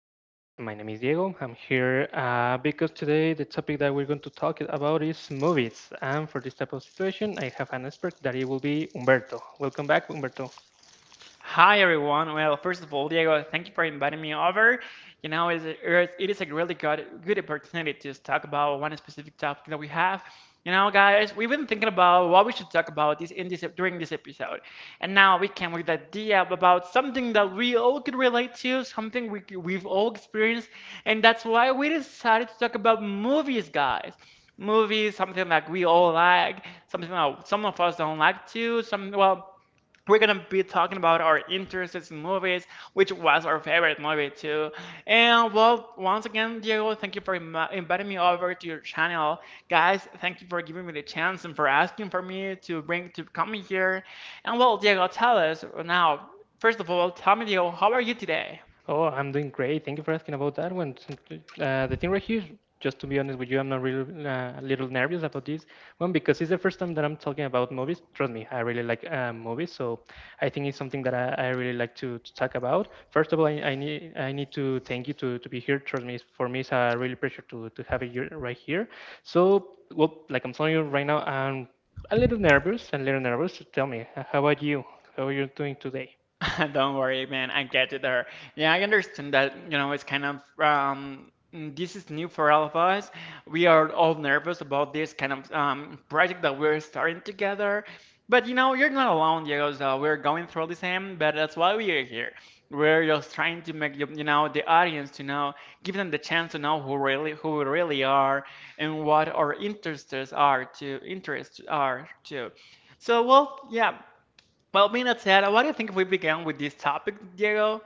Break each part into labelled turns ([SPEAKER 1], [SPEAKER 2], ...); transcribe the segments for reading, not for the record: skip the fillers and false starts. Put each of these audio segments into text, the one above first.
[SPEAKER 1] podcast. My name is Diego. I'm here because today the topic that we're going to talk about is movies. And for this type of situation, I have an expert that it will be Humberto. Welcome back, Humberto.
[SPEAKER 2] Hi everyone. Well, first of all, Diego, thank you for inviting me over. You know, it is a really good opportunity to talk about one specific topic that we have. You know, guys, we've been thinking about what we should talk about this in this during this episode, and now we came with the idea about something that we all could relate to, something we've all experienced, and that's why we decided to talk about movies, guys. Movies, something that we all like, something that some of us don't like too. Some well we're gonna be talking about our interests in movies, which was our favorite movie too. And well, once again, Diego, thank you for inviting me over to your channel, guys. Thank you for giving me the chance and for asking for me to bring to come here. And well, Diego, tell us now. First of all, tell me, Diego, how are you today?
[SPEAKER 1] Oh, I'm doing great. Thank you for asking about that one. The thing right here, just to be honest with you, I'm not really a little nervous about this one because it's the first time that I'm talking about movies. Trust me, I really like movies, so I think it's something that I really like to talk about. First of all, I need to thank you to be here. Trust me, for me, it's a really pleasure to have you right here. So, well, like I'm telling you right now, I'm a little nervous. Tell me, how about you? How are you doing today?
[SPEAKER 2] Don't worry, man. I get it there. Yeah, I understand that, you know, it's kind of this is new for all of us. We are all nervous about this kind of project that we're starting together. But you know, you're not alone, Diego. So we're going through the same, but that's why we are here. We're just trying to make you, you know, the audience to know, give them the chance to know who we really are and what our interests are too. So, well, yeah. Well, being that said, what do you think if we began with this topic, Diego?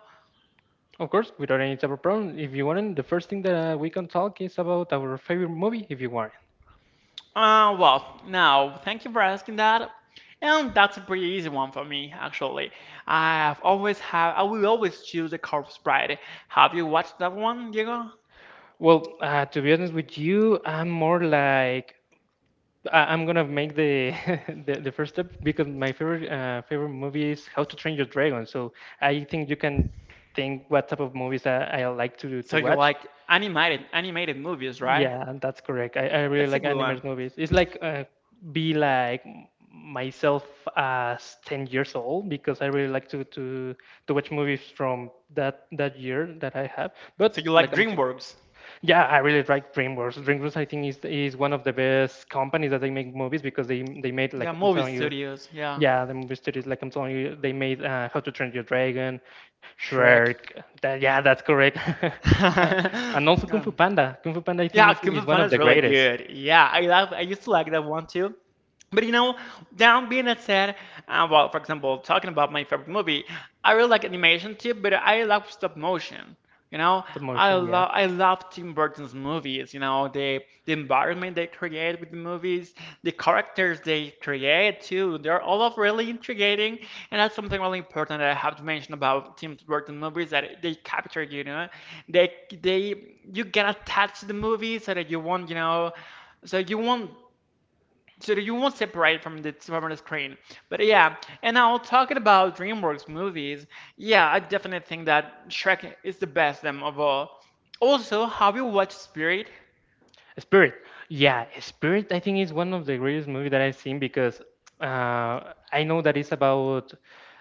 [SPEAKER 1] Of course, without any type of problem. If you want, the first thing that we can talk is about our favorite movie, if you want.
[SPEAKER 2] Well, now, thank you for asking that. And that's a pretty easy one for me, actually. I've always have, I will always choose the Corpse Bride. Have you watched that one, Diego?
[SPEAKER 1] Well, to be honest with you, I'm more like I'm gonna make the first step because my favorite favorite movie is How to Train Your Dragon. So I think you can think what type of movies I like to
[SPEAKER 2] So you
[SPEAKER 1] watch.
[SPEAKER 2] like animated movies, right?
[SPEAKER 1] Yeah, that's correct. I really
[SPEAKER 2] That's a
[SPEAKER 1] like
[SPEAKER 2] good one.
[SPEAKER 1] animated movies. It's like be like myself as 10 years old because I really like to watch movies from that year that I have.
[SPEAKER 2] So you
[SPEAKER 1] But like
[SPEAKER 2] like
[SPEAKER 1] I'm,
[SPEAKER 2] DreamWorks?
[SPEAKER 1] yeah, I really like DreamWorks. DreamWorks I think is one of the best companies that they make movies because they made
[SPEAKER 2] Yeah,
[SPEAKER 1] like I'm
[SPEAKER 2] movie
[SPEAKER 1] telling you,
[SPEAKER 2] studios. Yeah,
[SPEAKER 1] yeah, the movie studios like I'm telling you they made How to Train Your Dragon,
[SPEAKER 2] Shrek.
[SPEAKER 1] Shrek. That, yeah, that's correct. Uh, and also Kung Fu
[SPEAKER 2] um,
[SPEAKER 1] Panda. Kung Fu Panda, I think,
[SPEAKER 2] yeah,
[SPEAKER 1] is,
[SPEAKER 2] Kung Fu
[SPEAKER 1] is one
[SPEAKER 2] Panda
[SPEAKER 1] of
[SPEAKER 2] is
[SPEAKER 1] the
[SPEAKER 2] really
[SPEAKER 1] greatest.
[SPEAKER 2] good. Yeah, I love. I used to like that one too. But you know, down being that said, well, for example, talking about my favorite movie, I really like animation too, but I love stop motion. You know,
[SPEAKER 1] Stop
[SPEAKER 2] I
[SPEAKER 1] motion, yeah.
[SPEAKER 2] love I love Tim Burton's movies. You know, the environment they create with the movies, the characters they create too. They're all of really intriguing, and that's something really important that I have to mention about Tim Burton movies that they capture. You know, they they you get attached to the movie so that you want you know so you won't so that you won't separate from the screen. But yeah, and now talking about DreamWorks movies, yeah, I definitely think that Shrek is the best them of all. Also, have you watched Spirit?
[SPEAKER 1] Spirit. Yeah, Spirit, I think, is one of the greatest movies that I've seen because I know that it's about.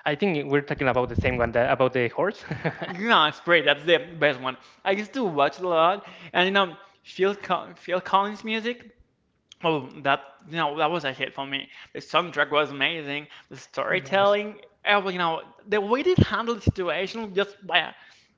[SPEAKER 1] I think we're talking about the same one, that, about the horse.
[SPEAKER 2] Yeah, Spirit, that's the best one. I used to watch a lot, and you know, Phil Collins music. Oh, that you know that was a hit for me. The soundtrack was amazing. The
[SPEAKER 1] Yes.
[SPEAKER 2] storytelling, you know, the way they handled the situation just by,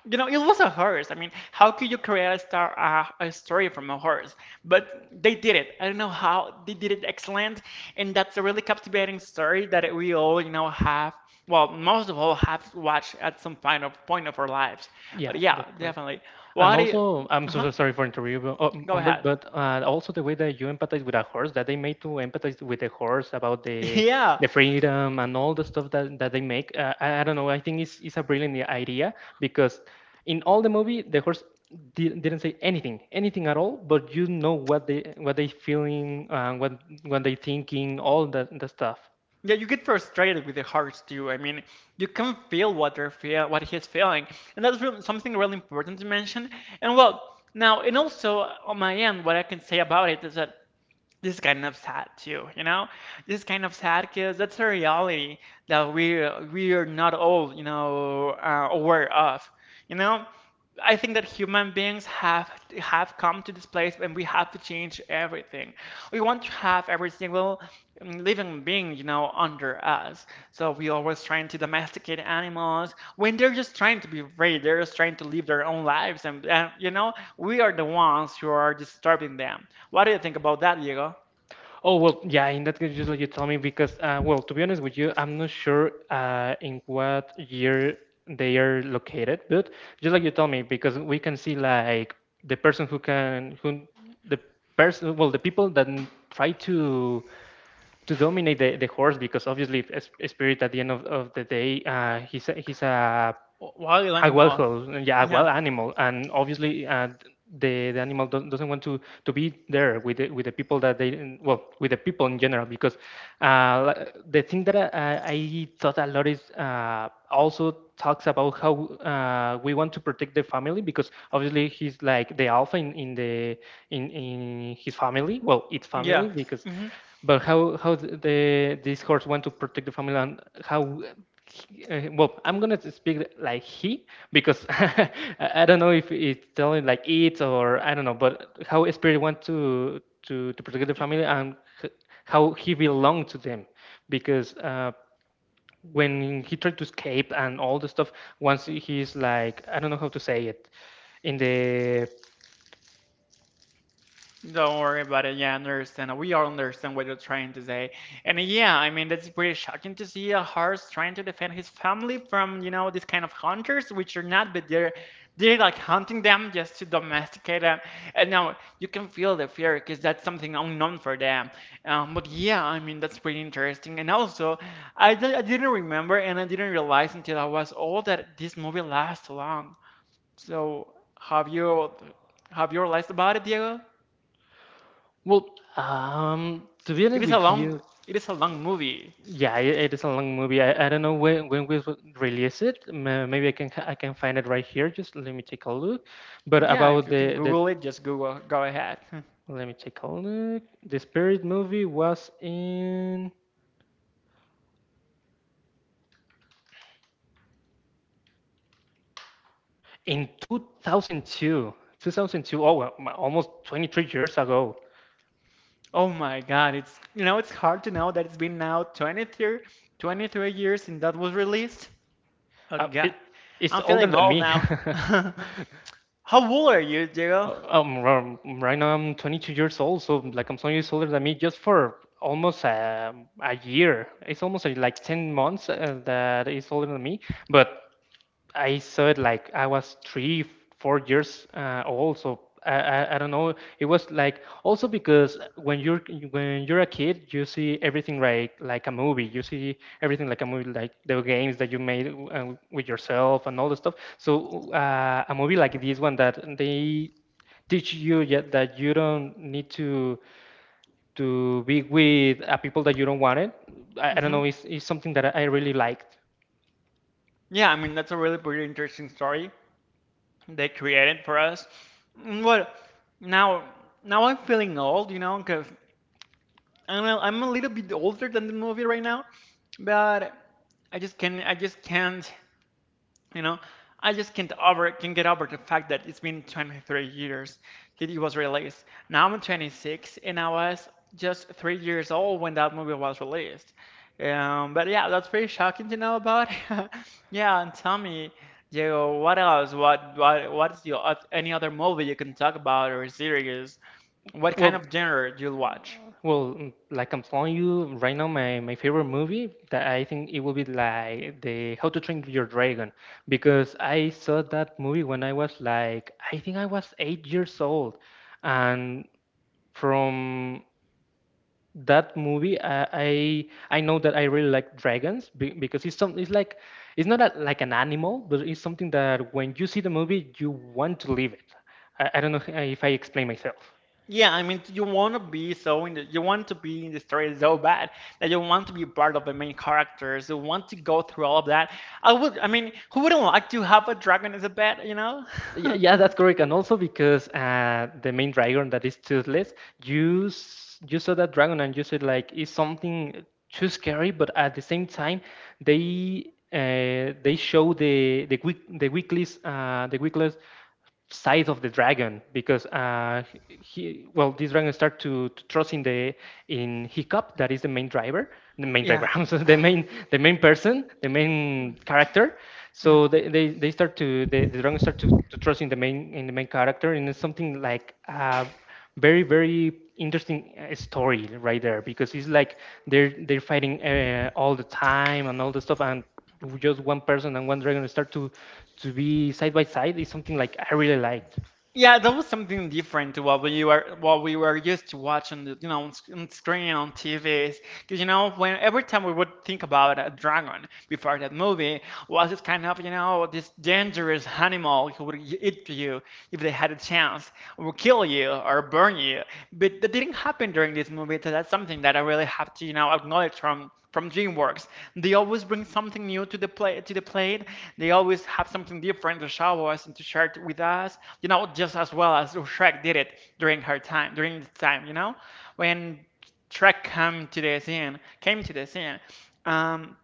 [SPEAKER 2] you know, it was a horse. I mean, how could you create a story from a horse? But they did it. I don't know how they did it excellent, and that's a really captivating story that we all you know have. Well, most of all have watched at some point of our lives. But
[SPEAKER 1] Yeah,
[SPEAKER 2] yeah,
[SPEAKER 1] that's right.
[SPEAKER 2] definitely.
[SPEAKER 1] And
[SPEAKER 2] What?
[SPEAKER 1] also, I'm so
[SPEAKER 2] Uh-huh.
[SPEAKER 1] sorry for interrupting,
[SPEAKER 2] Go
[SPEAKER 1] Humbert,
[SPEAKER 2] ahead.
[SPEAKER 1] but also the way that you empathize with a horse, that they made to empathize with the horse about the
[SPEAKER 2] Yeah,
[SPEAKER 1] the freedom and all the stuff that they make. I don't know. I think it's a brilliant idea because in all the movie, the horse didn't say anything, anything at all. But you know what they feeling, what they thinking, all that the stuff.
[SPEAKER 2] Yeah, you get frustrated with the hearts too. I mean, you can feel what he's feeling, and that's real something really important to mention. And well, now, and also on my end, what I can say about it is that this is kind of sad too, you know? This is kind of sad because that's a reality that we are not all, you know, aware of. You know, I think that human beings have come to this place and we have to change everything. We want to have every single living being, you know, under us. So we always trying to domesticate animals when they're just trying to be free. They're just trying to live their own lives, and you know, we are the ones who are disturbing them. What do you think about that, Diego?
[SPEAKER 1] Oh well, yeah. In that case, just like you tell me, because well, to be honest with you, I'm not sure in what year they are located, but just like you tell me, because we can see like the person who can who the person well the people that try to dominate the horse because obviously if a spirit at the end of the day he's
[SPEAKER 2] Wild
[SPEAKER 1] a wild
[SPEAKER 2] animal.
[SPEAKER 1] house, yeah, a wild
[SPEAKER 2] Yeah.
[SPEAKER 1] animal, and obviously the animal doesn't want to be there with with the people that they well with the people in general because the thing that I thought a lot is also talks about how we want to protect the family because obviously he's like the alpha in the in his family well its family
[SPEAKER 2] Yeah.
[SPEAKER 1] because
[SPEAKER 2] hmm
[SPEAKER 1] but how th- the this horse want to protect the family and how well, I'm gonna speak like he because I don't know if it's telling like it or I don't know, but how a spirit want to protect the
[SPEAKER 2] Do,
[SPEAKER 1] family and h- how he belonged to them, because when he tried to escape and all the stuff, once he's like I don't know how to say it, in the
[SPEAKER 2] Don't worry about it. Yeah, I understand. We all understand what you're trying to say. And yeah, I mean, that's pretty shocking to see a horse trying to defend his family from, you know, these kind of hunters, which are not, but they're like hunting them just to domesticate them. And now you can feel the fear because that's something unknown for them. But yeah, I mean, that's pretty interesting. And also, I didn't remember and I didn't realize until I was old that this movie lasts long. So, have you have you realized about it, Diego?
[SPEAKER 1] well, to be
[SPEAKER 2] It
[SPEAKER 1] honest
[SPEAKER 2] is a
[SPEAKER 1] with
[SPEAKER 2] long
[SPEAKER 1] you,
[SPEAKER 2] it is a long movie.
[SPEAKER 1] yeah, it is a long movie. I don't know when we will release it. Maybe I can I can find it right here. Just let me take a look. But
[SPEAKER 2] Yeah, if
[SPEAKER 1] about
[SPEAKER 2] you can
[SPEAKER 1] the
[SPEAKER 2] Google it, just Google go ahead.
[SPEAKER 1] let me take a look. The Spirit movie was in 2002. 2002. Oh, well, almost 23 years ago.
[SPEAKER 2] Oh my God, it's you know it's hard to know that it's been now 23 years since that was released. Oh
[SPEAKER 1] Uh,
[SPEAKER 2] God,
[SPEAKER 1] it, it's
[SPEAKER 2] I'm
[SPEAKER 1] older
[SPEAKER 2] feeling
[SPEAKER 1] than
[SPEAKER 2] old
[SPEAKER 1] me.
[SPEAKER 2] now. How old are you, Diego?
[SPEAKER 1] Right now I'm 22 years old, so like I'm so years older than me. Just for almost a year, it's almost like 10 months that is older than me. But I saw it like I was three, 4 years old. So I don't know. It was like also because when you're a kid, you see everything like a movie. You see everything like a movie, like the games that you made with yourself and all the stuff. So a movie like this one that they teach you yet that you don't need to be with people that you don't want it. I don't
[SPEAKER 2] hmm
[SPEAKER 1] know. It's something that I really liked.
[SPEAKER 2] Yeah, I mean that's a really pretty interesting story they created for us. Well, now now I'm feeling old, you know, because I'm a little bit older than the movie right now, but I just can't, you know, I just can't over can get over the fact that it's been 23 years that it was released. Now I'm 26 and I was just 3 years old when that movie was released. But yeah, that's pretty shocking to know about. Yeah, and tell me, Diego, what else? What's your any other movie you can talk about or series? What kind of
[SPEAKER 1] Well,
[SPEAKER 2] genre do you watch?
[SPEAKER 1] well, like I'm telling you right now, my favorite movie that I think it will be like the How to Train Your Dragon because I saw that movie when I was like I think I was 8 years old, and from that movie I know that I really like dragons because it's some it's like it's not a, like an animal but it's something that when you see the movie you want to live it. I don't know if I explain myself.
[SPEAKER 2] Yeah, I mean, you want to be in the story so bad that you want to be part of the main characters. You want to go through all of that. I mean, who wouldn't like to have a dragon as a pet, you know?
[SPEAKER 1] Yeah, yeah, that's correct. And also because the main dragon that is toothless, you saw that dragon and you said like it's something too scary, but at the same time they show the weakest size of the dragon because he well this dragon start to trust in the in Hiccup that is the main driver the main
[SPEAKER 2] Yeah,
[SPEAKER 1] driver I the main person the main character
[SPEAKER 2] yeah.
[SPEAKER 1] so they start to the dragon start to trust in the main character and it's something like a very interesting story right there because it's like they're fighting all the time and all the stuff and just one person and one dragon start to be side by side is something like I really liked.
[SPEAKER 2] Yeah, that was something different to what we were used to watching, you know, on, on screen on TVs. Because you know, when every time we would think about a dragon before that movie was this kind of you know this dangerous animal who would eat you if they had a chance, or kill you or burn you. But that didn't happen during this movie, so that's something that I really have to you know acknowledge from DreamWorks. They always bring something new to the play to the plate. They always have something different to show us and to share it with us. You know, just as well as Shrek did it during her time, during the time. You know, when Shrek came to the scene, came to the scene. Um,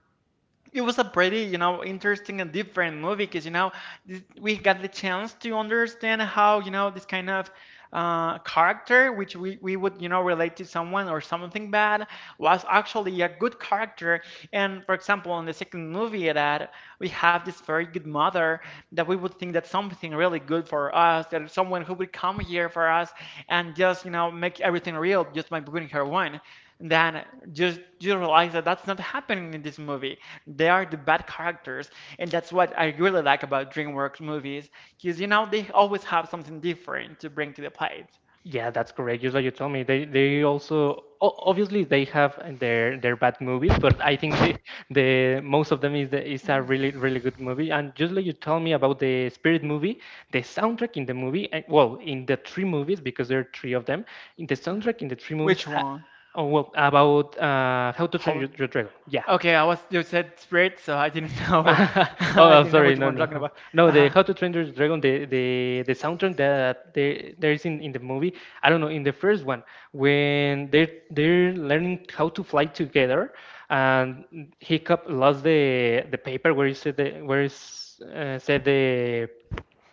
[SPEAKER 2] it was a pretty, you know, interesting and different movie because, you know, we got the chance to understand how, you know, this kind of character, which we would, you know, relate to someone or something bad, was actually a good character. And for example, in the second movie, that we have this very good mother that we would think that's something really good for us, that is someone who would come here for us and just, you know, make everything real just by bringing her wine. Then just you realize that that's not happening in this movie. They are the bad characters, and that's what I really like about DreamWorks movies, because you know they always have something different to bring to the plate.
[SPEAKER 1] Yeah, that's correct. Just like you told me, they also obviously they have their bad movies, but I think the the most of them is is a really good movie. And just like you told me about the Spirit movie, the soundtrack in the movie, and well, in the three movies because there are three of them, in the soundtrack in the three movies,
[SPEAKER 2] Which
[SPEAKER 1] I,
[SPEAKER 2] one?
[SPEAKER 1] oh, well, about How to Train
[SPEAKER 2] How?
[SPEAKER 1] Your Dragon. Yeah,
[SPEAKER 2] Okay, I was you said Spirit, so I didn't know.
[SPEAKER 1] oh,
[SPEAKER 2] I
[SPEAKER 1] I'm
[SPEAKER 2] didn't know
[SPEAKER 1] sorry.
[SPEAKER 2] what one you're talking
[SPEAKER 1] No,
[SPEAKER 2] about.
[SPEAKER 1] no. The
[SPEAKER 2] Uh-huh.
[SPEAKER 1] How to Train Your Dragon, the soundtrack that there is in the movie. I don't know. In the first one, when they are they're learning how to fly together, and Hiccup lost the paper where he said the where is said the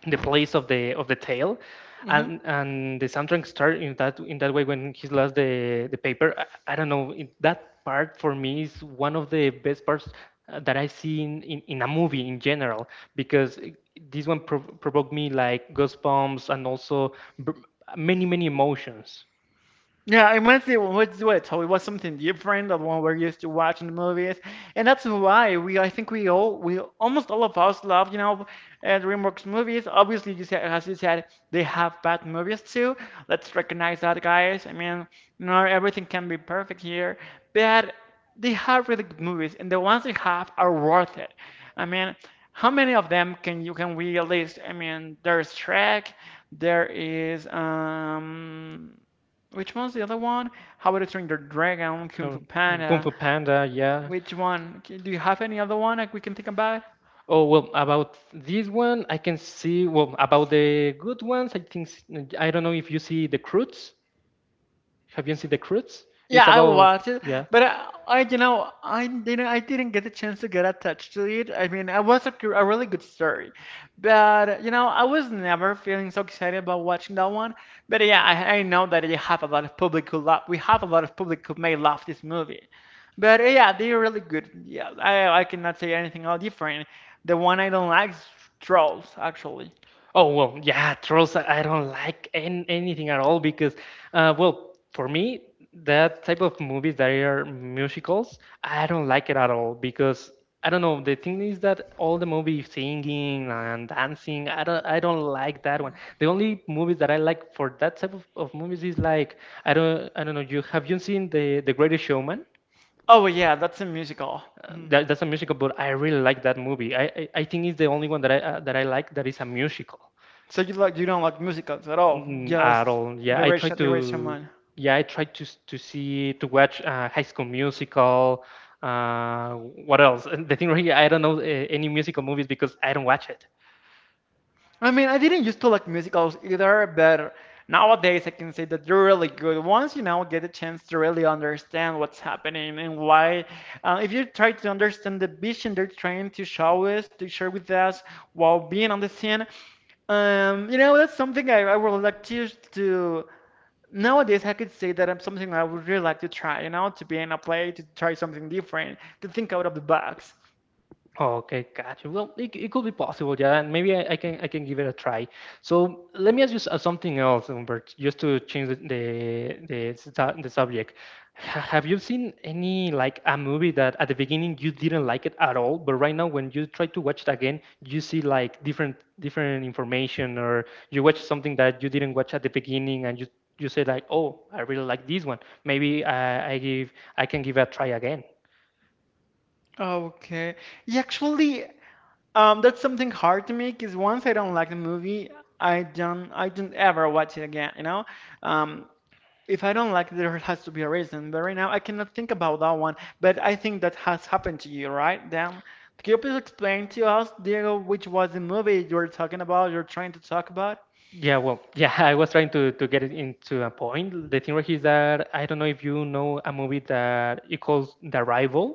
[SPEAKER 1] the place of the tail and the soundtrack started in that way when he lost the paper. I don't know that part for me is one of the best parts that I see in a movie in general because this one provoked me like goosebumps and also many emotions
[SPEAKER 2] Yeah, I want to see what's what so it was something different than what we're used to watching the movies, and that's why we I think we all we almost all of us love you know DreamWorks movies. Obviously, you said as you said they have bad movies too. Let's recognize that, guys. I mean, not everything can be perfect here, but they have really good movies, and the ones they have are worth it. I mean, how many of them can you can we list? I mean, there's Shrek, there is Which one's the other one? How about I Train Your Dragon, Kung
[SPEAKER 1] so,
[SPEAKER 2] Fu
[SPEAKER 1] Kung
[SPEAKER 2] Panda?
[SPEAKER 1] Fu Panda, yeah.
[SPEAKER 2] Which one? Do you have any other one that we can think about?
[SPEAKER 1] Oh well, about this one, I can see. Well, about the good ones, I think I don't know if you see the Croods. Have you seen The Croods?
[SPEAKER 2] Yeah,
[SPEAKER 1] It's
[SPEAKER 2] I
[SPEAKER 1] about
[SPEAKER 2] watched it,
[SPEAKER 1] yeah.
[SPEAKER 2] but I, you know, I didn't get the chance to get attached to it. I mean, it was a really good story, but I was never feeling so excited about watching that one. But yeah, I know that you have a lot of public who love, we have a lot of public who may love this movie. But yeah, they're really good. Yeah, I cannot say anything all different. The one I don't like is Trolls, actually.
[SPEAKER 1] Oh well, yeah, trolls. I don't like an anything at all because, well, for me, that type of movies that are musicals, I don't like it at all because I don't know. The thing is that all the movie singing and dancing, I don't like that one. The only movies that I like for that type of movies is like I don't know. You have you seen The Greatest Showman?
[SPEAKER 2] Oh yeah, that's a musical. Mhm.
[SPEAKER 1] That, that's a musical, but I really like that movie. I think it's the only one that I like that is a musical
[SPEAKER 2] So you like, you don't like musicals at all?
[SPEAKER 1] mm, at
[SPEAKER 2] Just
[SPEAKER 1] all. Yeah,
[SPEAKER 2] the
[SPEAKER 1] I
[SPEAKER 2] great,
[SPEAKER 1] try
[SPEAKER 2] Sha- the great
[SPEAKER 1] to
[SPEAKER 2] shaman.
[SPEAKER 1] yeah I try to s- to see to watch High School Musical. Uh, what else? And The thing right here, I don't know any musical movies because I don't watch it.
[SPEAKER 2] I mean, I didn't used to like musicals either, but nowadays I can say that they're really good. Once you now get a chance to really understand what's happening and why, if you try to understand the vision they're trying to show us, to share with us while being on the scene, that's something I would like to. Nowadays, I could say that I'm something I would really like to try, to be in a play, to try something different, to think out of the box.
[SPEAKER 1] Oh, okay, gotcha. Well, it could be possible, yeah. And maybe I can give it a try. So let me ask you something else, Humbert, just to change the subject. Have you seen any like a movie that at the beginning you didn't like it at all, but right now when you try to watch it again, you see like different information, or you watch something that you didn't watch at the beginning, and you say like, oh, I really like this one. Maybe I can give it a try again.
[SPEAKER 2] Okay. Yeah, actually, that's something hard to me because once I don't like the movie, I don't ever watch it again, you know? Um, if I don't like it, there has to be a reason. But right now I cannot think about that one. But I think that has happened to you, right, Dan? Can you please explain to us, Diego, which was the movie you were talking about, you're trying to talk about?
[SPEAKER 1] Yeah, well, yeah, I was trying to get it into a point. The thing right here is that I don't know if you know a movie that it calls The Arrival.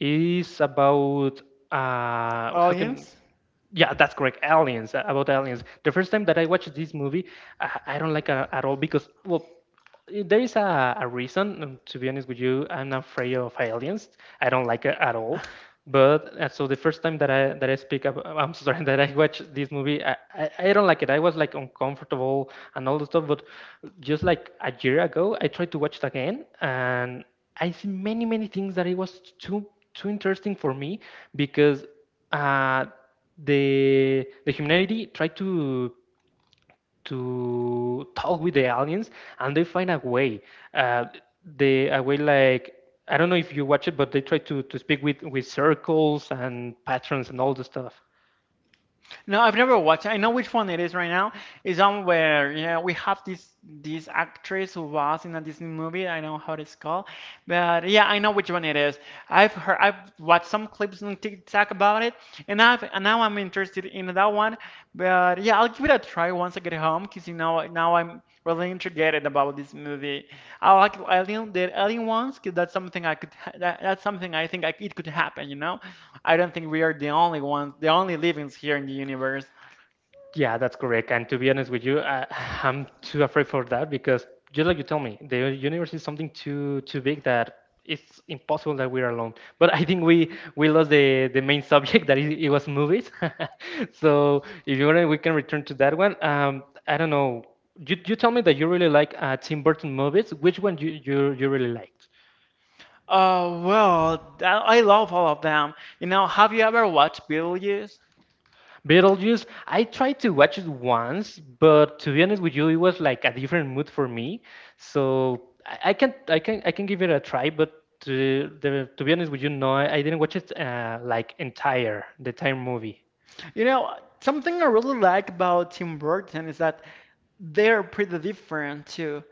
[SPEAKER 1] It's about how can
[SPEAKER 2] Audience?
[SPEAKER 1] yeah, that's correct. Aliens, about aliens. The first time that I watched this movie, I don't like it at all because well there is a reason to be honest with you, I'm not afraid of aliens. I don't like it at all, but so the first time that I speak up, I'm sorry that I watched this movie. I don't like it. I was like uncomfortable and all the stuff, but just like a year ago I tried to watch it again and I see many things that it was too interesting for me because uh the humanity tried to talk with the aliens, and they find a way. Uh, they a way like I don't know if you watch it, but they try to speak with circles and patterns and all the stuff.
[SPEAKER 2] No, I've never watched. I know which one it is right now. It's on where, yeah, we have this actress who was in a Disney movie. I know how it's called, but yeah, I know which one it is. I've heard, I've watched some clips on TikTok about it, and I've and now I'm interested in that one. But yeah, I'll give it a try once I get home, 'cause now I'm really intrigued about this movie. I like alien the alien ones, 'cause that's something I could that, that's something it could happen, you know. I don't think we are the only ones, the only livings here in the universe.
[SPEAKER 1] Yeah, that's correct. And to be honest with you, I, I'm too afraid for that because just like you tell me, the universe is something too big that it's impossible that we're alone. But I think we lost the main subject that it was movies. So if you want, we can return to that one. I don't know. You tell me that you really like Tim Burton movies. Which one you really liked?
[SPEAKER 2] Oh, well, I love all of them. You know, have you ever watched Beetlejuice?
[SPEAKER 1] Beetlejuice, I tried to watch it once, but to be honest with you, it was like a different mood for me. So I can give it a try, but to be honest with you, no, I didn't watch it like entire the entire movie.
[SPEAKER 2] You know, something I really like about Tim Burton is that they're pretty different too.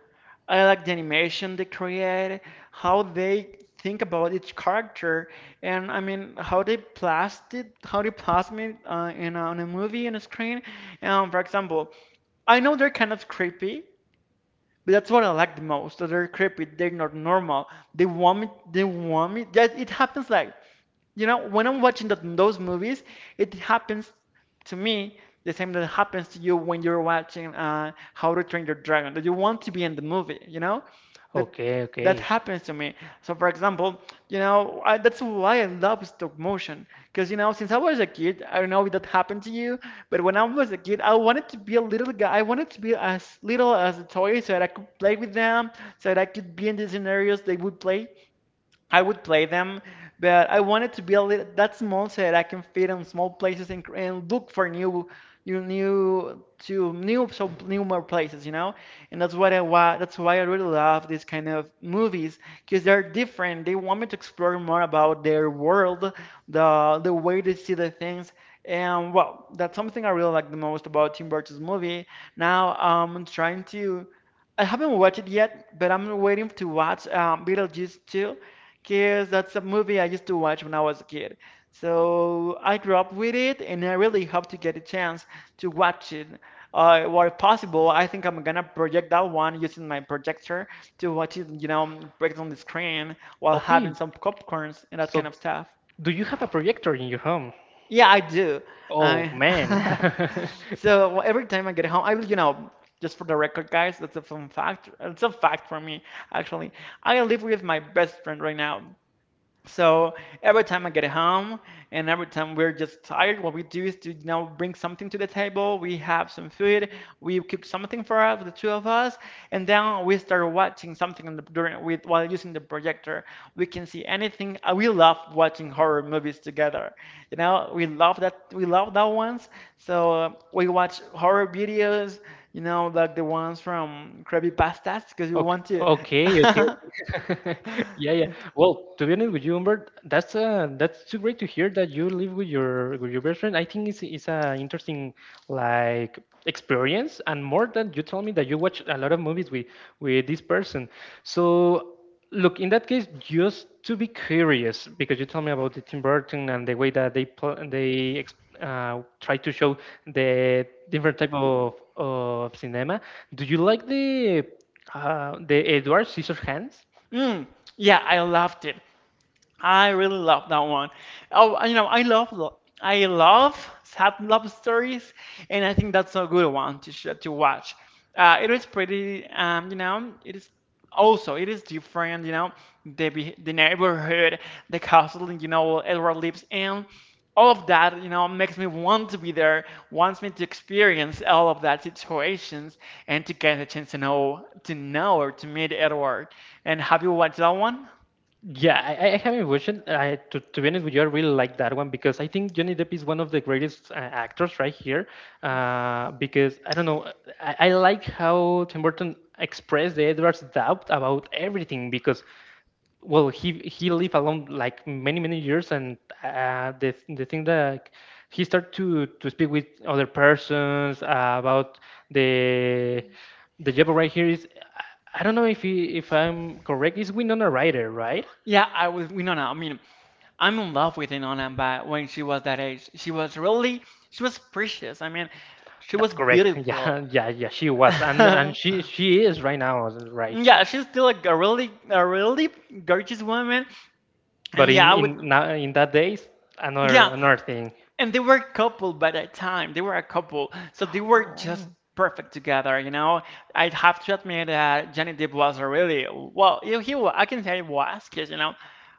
[SPEAKER 2] I like the animation they create, how they think about each character, and I mean how they plast it, how they plasm it in on a movie on a screen. For example, I know they're kind of creepy, but that's what I like the most. That they're creepy. They're not normal. They want vomit. They want vomit. That it happens like, when I'm watching those movies, it happens to me the same that happens to you when you're watching How to Train Your Dragon, that you want to be in the movie, you know? That
[SPEAKER 1] Okay,
[SPEAKER 2] that
[SPEAKER 1] okay,
[SPEAKER 2] happens to me. So, for example, that's why I love stop motion. Because, since I was a kid, I don't know if that happened to you, but when I was a kid, I wanted to be a little guy. I wanted to be as little as a toy so that I could play with them, so that I could be in the scenarios they would play. I would play them, but I wanted to build it that small so that I can fit in small places, and look for new, new, new, to new, so new more places, you know. And that's why I really love these kind of movies because they're different. They want me to explore more about their world, the way they see the things. And, well, that's something I really like the most about Tim Burton's movie. Now I'm trying to. I haven't watched it yet, but I'm waiting to watch Beetlejuice 2 Kiss, that's a movie I used to watch when I was a kid. So I grew up with it, and I really hope to get a chance to watch it. Where possible, I think I'm gonna project that one using my projector to watch it, break it on the screen while having
[SPEAKER 1] okay.
[SPEAKER 2] some popcorns and that kind
[SPEAKER 1] So
[SPEAKER 2] of stuff.
[SPEAKER 1] do you have a projector in your home?
[SPEAKER 2] Yeah, I do.
[SPEAKER 1] Oh
[SPEAKER 2] I
[SPEAKER 1] man.
[SPEAKER 2] so, well, every time I get home, will, just for the record, guys, that's a fun fact. It's a fact for me, actually. I live with my best friend right now. So every time I get home and every time we're just tired, what we do is to now bring something to the table. We have some food. We cook something for us, the two of us, and then we start watching something on the, during with while using the projector. We can see anything. We love watching horror movies together. You know, we love that ones. So we watch horror videos. You know, like the ones from Krabby Pastas because we
[SPEAKER 1] Ok
[SPEAKER 2] want to.
[SPEAKER 1] okay, okay. Yeah, yeah. Well, to be honest with you, Humbert, that's too great to hear that you live with your best friend. I think it's a interesting like experience, and more than you tell me that you watch a lot of movies with this person. So, look, in that case, just to be curious, because you tell me about the Tim Burton and the way that they pl- they ex try to show the different type of cinema. Do you like the Edward Scissorhands?
[SPEAKER 2] Mm, yeah, I loved it. I really love that one. Oh, I love I love sad love stories, and I think that's a good one to to watch. It is pretty, it is also it is different, the the neighborhood, the castle, Edward lives in. All of that, makes me want to be there, wants me to experience all of that situations and to get a chance to know or to meet Edward. And have you watched that one?
[SPEAKER 1] Yeah, I haven't watched it. I, to be honest with you, I really like that one because I think Johnny Depp is one of the greatest actors right here. Because I don't know, I like how Tim Burton expressed the Edward's doubt about everything because well he lived alone like many many years and the thing that he started to speak with other persons about the the job right here is I I don't know if he, if I'm correct, is Winona Ryder, right?
[SPEAKER 2] Yeah, I was Winona. I mean, I'm in love with Winona, but when she was that age. She was really, she was precious. I mean, she
[SPEAKER 1] That's
[SPEAKER 2] was
[SPEAKER 1] correct.
[SPEAKER 2] beautiful.
[SPEAKER 1] Yeah, yeah, yeah, she was, and she is right now, right?
[SPEAKER 2] Yeah, she's still a really gorgeous woman.
[SPEAKER 1] But
[SPEAKER 2] And yeah, I would,
[SPEAKER 1] in now in that days, another
[SPEAKER 2] yeah,
[SPEAKER 1] another thing.
[SPEAKER 2] and they were a couple by that time. They were a couple. So they were just
[SPEAKER 1] Oh.
[SPEAKER 2] perfect together, you know? I'd have to admit that Johnny Depp was a really, well, he wa- I can say he was, because,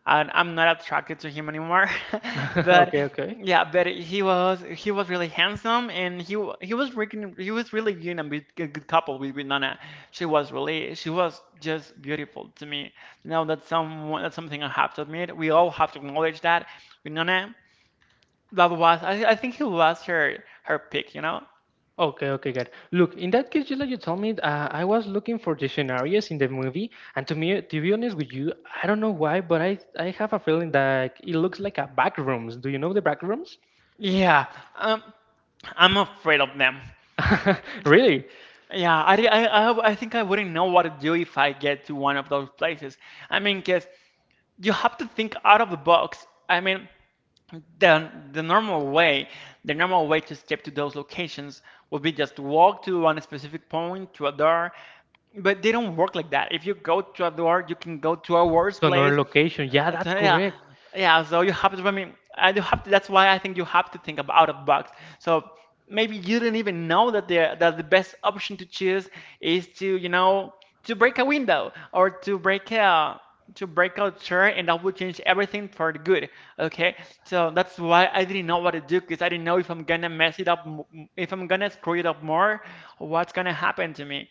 [SPEAKER 2] and I'm not attracted to him anymore. But
[SPEAKER 1] Okay, okay.
[SPEAKER 2] yeah, but he was, he was really handsome, and he was really good and a good couple with Winona. She was really, she was just beautiful to me. You know, that's something I have to admit. We all have to acknowledge that Winona, I think he was her pick, you know?
[SPEAKER 1] Okay, okay, good. Look, in that case, just like you told me, I was looking for the scenarios in the movie, and to me, to be honest with you, I don't know why, but I have a feeling that it looks like a back rooms. Do you know the back rooms?
[SPEAKER 2] Yeah, Um, I'm afraid of them.
[SPEAKER 1] Really?
[SPEAKER 2] Yeah, I think I wouldn't know what to do if I get to one of those places. I mean, 'cause you have to think out of the box. I mean, the normal way to skip to those locations would be just to walk to one specific point, to a door, but they don't work like that. If you go to a door, you can go to a worse
[SPEAKER 1] To another
[SPEAKER 2] place.
[SPEAKER 1] location. Yeah, that's
[SPEAKER 2] Yeah,
[SPEAKER 1] correct.
[SPEAKER 2] yeah. So you have to. I mean, and you have to, that's why I think you have to think about out of box. So maybe you didn't even know that the best option to choose is to, to break a window or to break a chair, and that would change everything for the good. Okay, so that's why I didn't know what to do because I didn't know if I'm gonna mess it up, if I'm gonna screw it up more, what's gonna happen to me,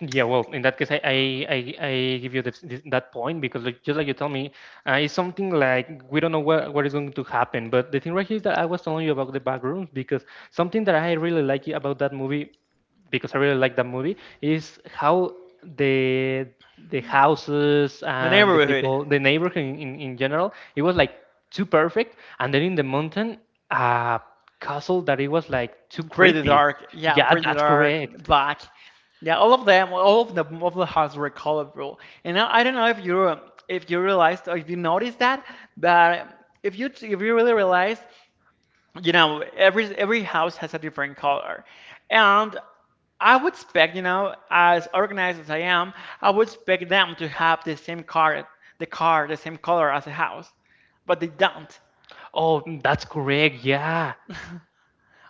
[SPEAKER 1] Yeah, well, in that case, I, I give you this, this, that point because like, just like you tell me, it's something like we don't know what is going to happen. But the thing right here is that I was telling you about the back rooms because something that I really like about that movie, because I really like that movie, is how the the houses
[SPEAKER 2] the
[SPEAKER 1] and the
[SPEAKER 2] neighborhood.
[SPEAKER 1] people, the neighborhood in general, it was like too perfect, and then in the mountain, a castle that it was like too
[SPEAKER 2] Pretty
[SPEAKER 1] creepy.
[SPEAKER 2] dark, yeah,
[SPEAKER 1] Yeah,
[SPEAKER 2] pretty
[SPEAKER 1] that's
[SPEAKER 2] dark,
[SPEAKER 1] correct.
[SPEAKER 2] black, yeah. All of them, all of the houses were colorful. And I don't know if you realized or if you noticed that, but if you really realize, every house has a different color, and I would expect, as organized as I am, I would expect them to have the same car, the same color as the house, but they don't.
[SPEAKER 1] Oh, mm, that's correct. Yeah.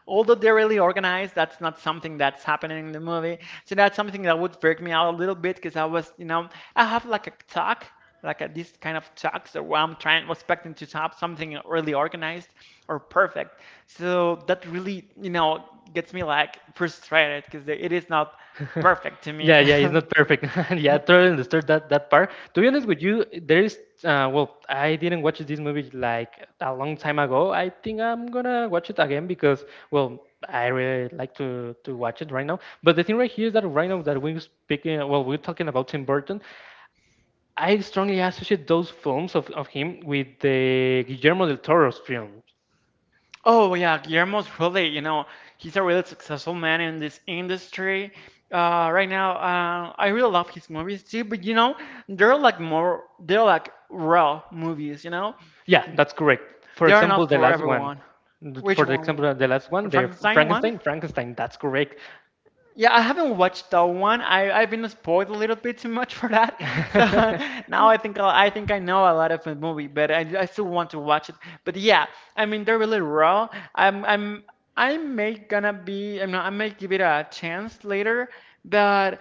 [SPEAKER 2] Although they're really organized, that's not something that's happening in the movie. So that's something that would freak me out a little bit because I was, you know, I have like a talk, like this kind of talks where I'm trying, expecting to have something really organized or perfect. So that really, gets me like frustrated because it is not perfect to me.
[SPEAKER 1] Yeah, yeah, it's not perfect. Yeah, totally understood that that part. To be honest with you, there is well, I didn't watch this movie like a long time ago. I think I'm gonna watch it again because well, I really like to watch it right now. But the thing right here is that right now that we're speaking, well, we're talking about Tim Burton. I strongly associate those films of him with the Guillermo del Toro's films.
[SPEAKER 2] Oh yeah, Guillermo's he's a really successful man in this industry. Right now, I really love his movies too, but they're like raw movies, you know?
[SPEAKER 1] Yeah, that's correct. For
[SPEAKER 2] They are
[SPEAKER 1] example,
[SPEAKER 2] not
[SPEAKER 1] the
[SPEAKER 2] for
[SPEAKER 1] last one.
[SPEAKER 2] everyone. Which
[SPEAKER 1] For the
[SPEAKER 2] one?
[SPEAKER 1] example, the last one,
[SPEAKER 2] The
[SPEAKER 1] the
[SPEAKER 2] Frankenstein one?
[SPEAKER 1] Frankenstein, Frankenstein. That's correct.
[SPEAKER 2] Yeah, I haven't watched that one. I've been spoiled a little bit too much for that. So now I think I know a lot of the movie, but I still want to watch it. But yeah, I mean they're really raw. I'm I may gonna be I mean I may give it a chance later, but.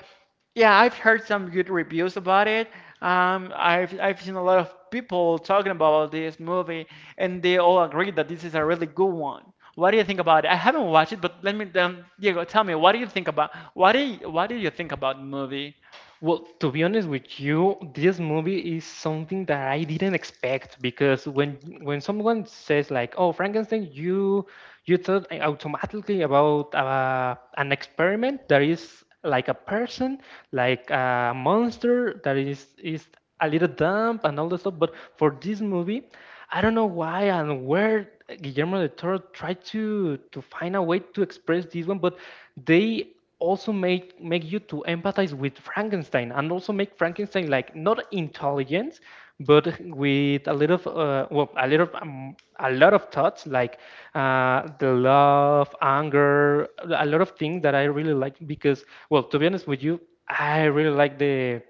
[SPEAKER 2] Yeah, I've heard some good reviews about it. I've seen a lot of people talking about this movie, and they all agree that this is a really good one. What do you think about it? I haven't watched it, but let me then Diego, tell me what do you think about the movie?
[SPEAKER 1] Well, to be honest with you, this movie is something that I didn't expect because when someone says like, "Oh, Frankenstein," you thought automatically about an experiment that is like a person, like a monster that is a little dumb and all that stuff. But for this movie, I don't know why and where Guillermo del Toro tried to find a way to express this one, but they also make you to empathize with Frankenstein and also make Frankenstein like not intelligent, but with a little of, well a little of, a lot of thoughts like the love, anger, a lot of things that I really like because well to be honest with you, I really like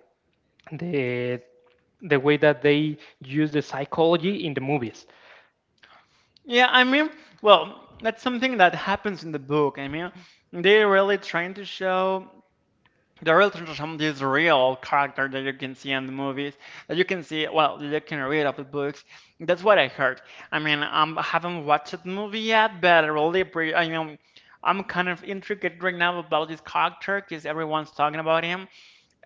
[SPEAKER 1] the the way that they use the psychology in the movies.
[SPEAKER 2] Yeah, I mean, well, that's something that happens in the book. I mean, they're really trying to show the real Trisham, this real character that you can see in the movies, that you can see, well, that you can read of the books. That's what I heard. I mean, I haven't watched the movie yet, but I really, pre- I mean, I'm kind of intrigued right now about this character because everyone's talking about him.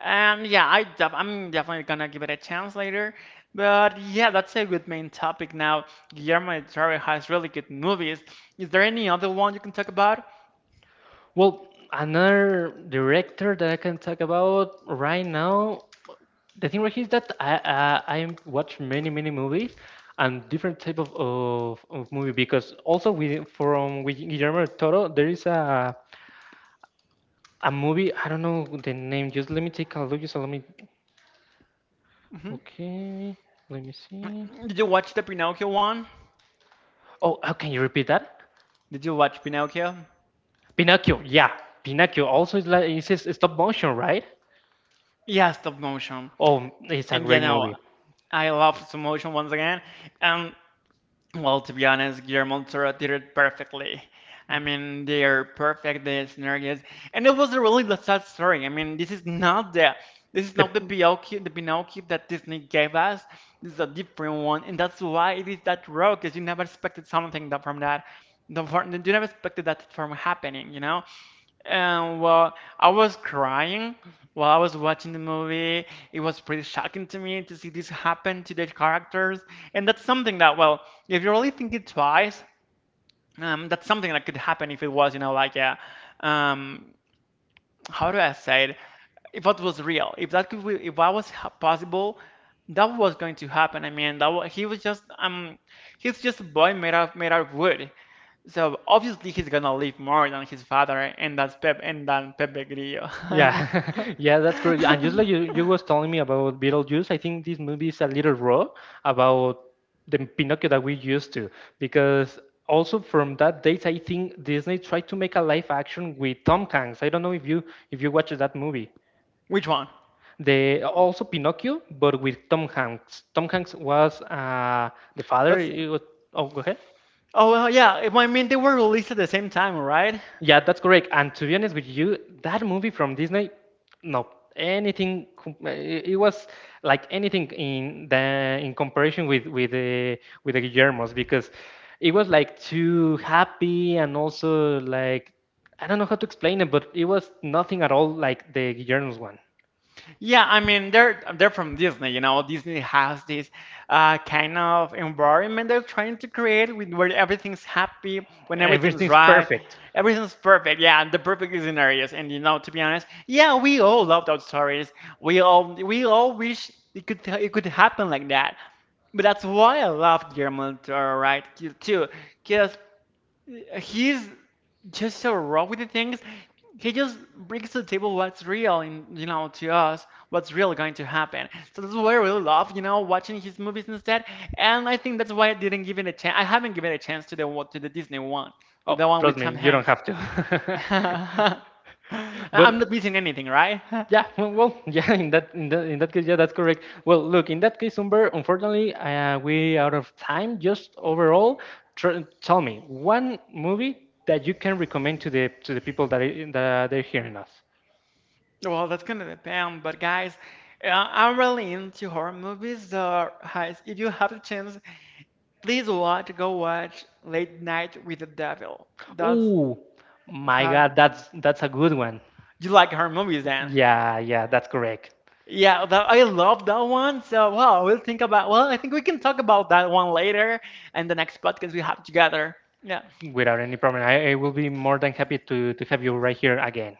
[SPEAKER 2] And yeah, I'm definitely gonna give it a chance later. But yeah, that's a good main topic now. Guillermo del Toro has really good movies. Is there any other one you can talk about?
[SPEAKER 1] Well, another director that I can talk about right now, the thing right here is that I watch many many movies and different type of movie because also with from with Guillermo del Toro there is a movie I don't know the name. Just let me take a look, just let me
[SPEAKER 2] Hmm.
[SPEAKER 1] okay let me see.
[SPEAKER 2] Did you watch the Pinocchio one?
[SPEAKER 1] Oh, how can you repeat that?
[SPEAKER 2] Did you watch Pinocchio?
[SPEAKER 1] Pinocchio, yeah. Pinocchio also is, like, it says stop motion, right?
[SPEAKER 2] Yeah, stop motion.
[SPEAKER 1] Oh, it's a
[SPEAKER 2] And you
[SPEAKER 1] great
[SPEAKER 2] know,
[SPEAKER 1] movie.
[SPEAKER 2] I love stop motion once again. And well, to be honest, Guillermo del Toro did it perfectly. I mean, they're perfect, the scenarios, and it was a really sad story. I mean, this is not the
[SPEAKER 1] The
[SPEAKER 2] Pinocchio, the Pinocchio that Disney gave us. This is a different one, and that's why it is that road, because you never expected something that from that. The You never expected that from happening, you know? And well, I was crying while I was watching the movie. It was pretty shocking to me to see this happen to the characters. And that's something that, well, if you really think it twice, that's something that could happen if it was, you know, like um, how do I say it? If that was real, if that possible, that was going to happen. I mean, that wa he was just, he's just a boy made out of wood. So obviously he's gonna live more than his father and that's Pep and than Pepe Grillo. I
[SPEAKER 1] Yeah, yeah, that's correct. And just
[SPEAKER 2] mean,
[SPEAKER 1] like you, you was telling me about Beetlejuice, I think this movie is a little raw about the Pinocchio that we used to, because also from that date, I think Disney tried to make a live action with Tom Hanks. I don't know if you watched that movie.
[SPEAKER 2] which one?
[SPEAKER 1] They also Pinocchio, but with Tom Hanks. Tom Hanks was the father.
[SPEAKER 2] That's
[SPEAKER 1] It was, oh, go ahead.
[SPEAKER 2] oh well, yeah. I mean they were released at the same time, right?
[SPEAKER 1] Yeah, that's correct. And to be honest with you, that movie from Disney, no, anything. It it was like anything in the in comparison with the Guillermo's because it was like too happy and also like I don't know how to explain it, but it was nothing at all like the Guillermo's one.
[SPEAKER 2] Yeah, I mean they're from Disney, you know. Disney has this kind of environment they're trying to create with where everything's happy, when everything's
[SPEAKER 1] Everything's
[SPEAKER 2] right,
[SPEAKER 1] perfect.
[SPEAKER 2] everything's perfect. Yeah, the perfect is in areas, and you know, to be honest, yeah, we all love those stories. We all wish it could happen like that. But that's why I love Guillermo del Toro, right? Too, because. He's just so raw with the things. He just brings to the table what's real, in, you know, to us, what's really going to happen. So that's why I really love, you know, watching his movies instead. And I think that's why I didn't give it a chance. I haven't given a chance to the Disney one, with
[SPEAKER 1] Oh,
[SPEAKER 2] the one with
[SPEAKER 1] trust
[SPEAKER 2] Tom
[SPEAKER 1] me, you don't
[SPEAKER 2] Hanks.
[SPEAKER 1] have to.
[SPEAKER 2] I- I'm
[SPEAKER 1] But
[SPEAKER 2] not missing anything, right?
[SPEAKER 1] yeah, well, yeah, in that case, yeah, that's correct. Well, look, in that case, Umber, unfortunately, we out of time. Just overall, tell me one movie that you can recommend to the people that that they're hearing us.
[SPEAKER 2] Well, that's gonna depend, but guys, I'm really into horror movies. So, guys, if you have the chance. Go watch Late Night with the Devil. That's
[SPEAKER 1] Oh, my God,
[SPEAKER 2] how
[SPEAKER 1] that's a good one.
[SPEAKER 2] you like her movies then.
[SPEAKER 1] Yeah, yeah, that's correct.
[SPEAKER 2] Yeah, that, I love that one. So, wow, we'll think about, well, I think we can talk about that one later and the next podcast we have together. Yeah,
[SPEAKER 1] Without any problem, I will be more than happy to have you right here again.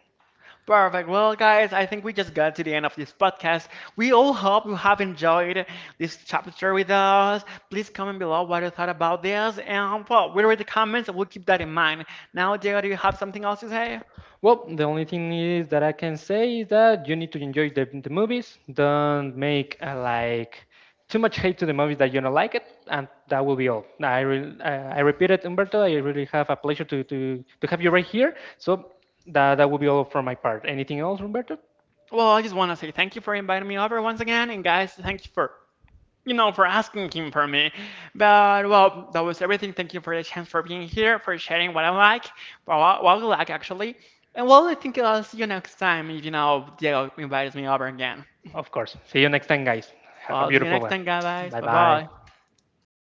[SPEAKER 2] perfect. Well, guys, I think we just got to the end of this podcast. We all hope you have enjoyed this chapter with us. Please comment below what you thought about this, and well, we read the comments and we'll keep that in mind. Now, Diego, do you have something else to say?
[SPEAKER 1] Well, the only thing is that I can say is that you need to enjoy the movies. Don't make like too much hate to the movies that you don't like it, and that will be all. I repeat it, Umberto. I really have a pleasure to have you right here. So that that will be all from my part. Anything else, Umberto?
[SPEAKER 2] Well, I just want to say thank you for inviting me over once again, and guys, thank you for, you know, for asking him for me. But well, that was everything. Thank you for the chance for being here, for sharing what I like, well, what I like actually. And well, I think I'll see you next time if you know Diego invites me over again.
[SPEAKER 1] Of course. See you next time, guys.
[SPEAKER 2] Well,
[SPEAKER 1] Have a
[SPEAKER 2] I'll see you
[SPEAKER 1] beautiful
[SPEAKER 2] next
[SPEAKER 1] one.
[SPEAKER 2] time, guys.
[SPEAKER 1] Bye
[SPEAKER 2] Bye
[SPEAKER 1] bye.
[SPEAKER 2] bye.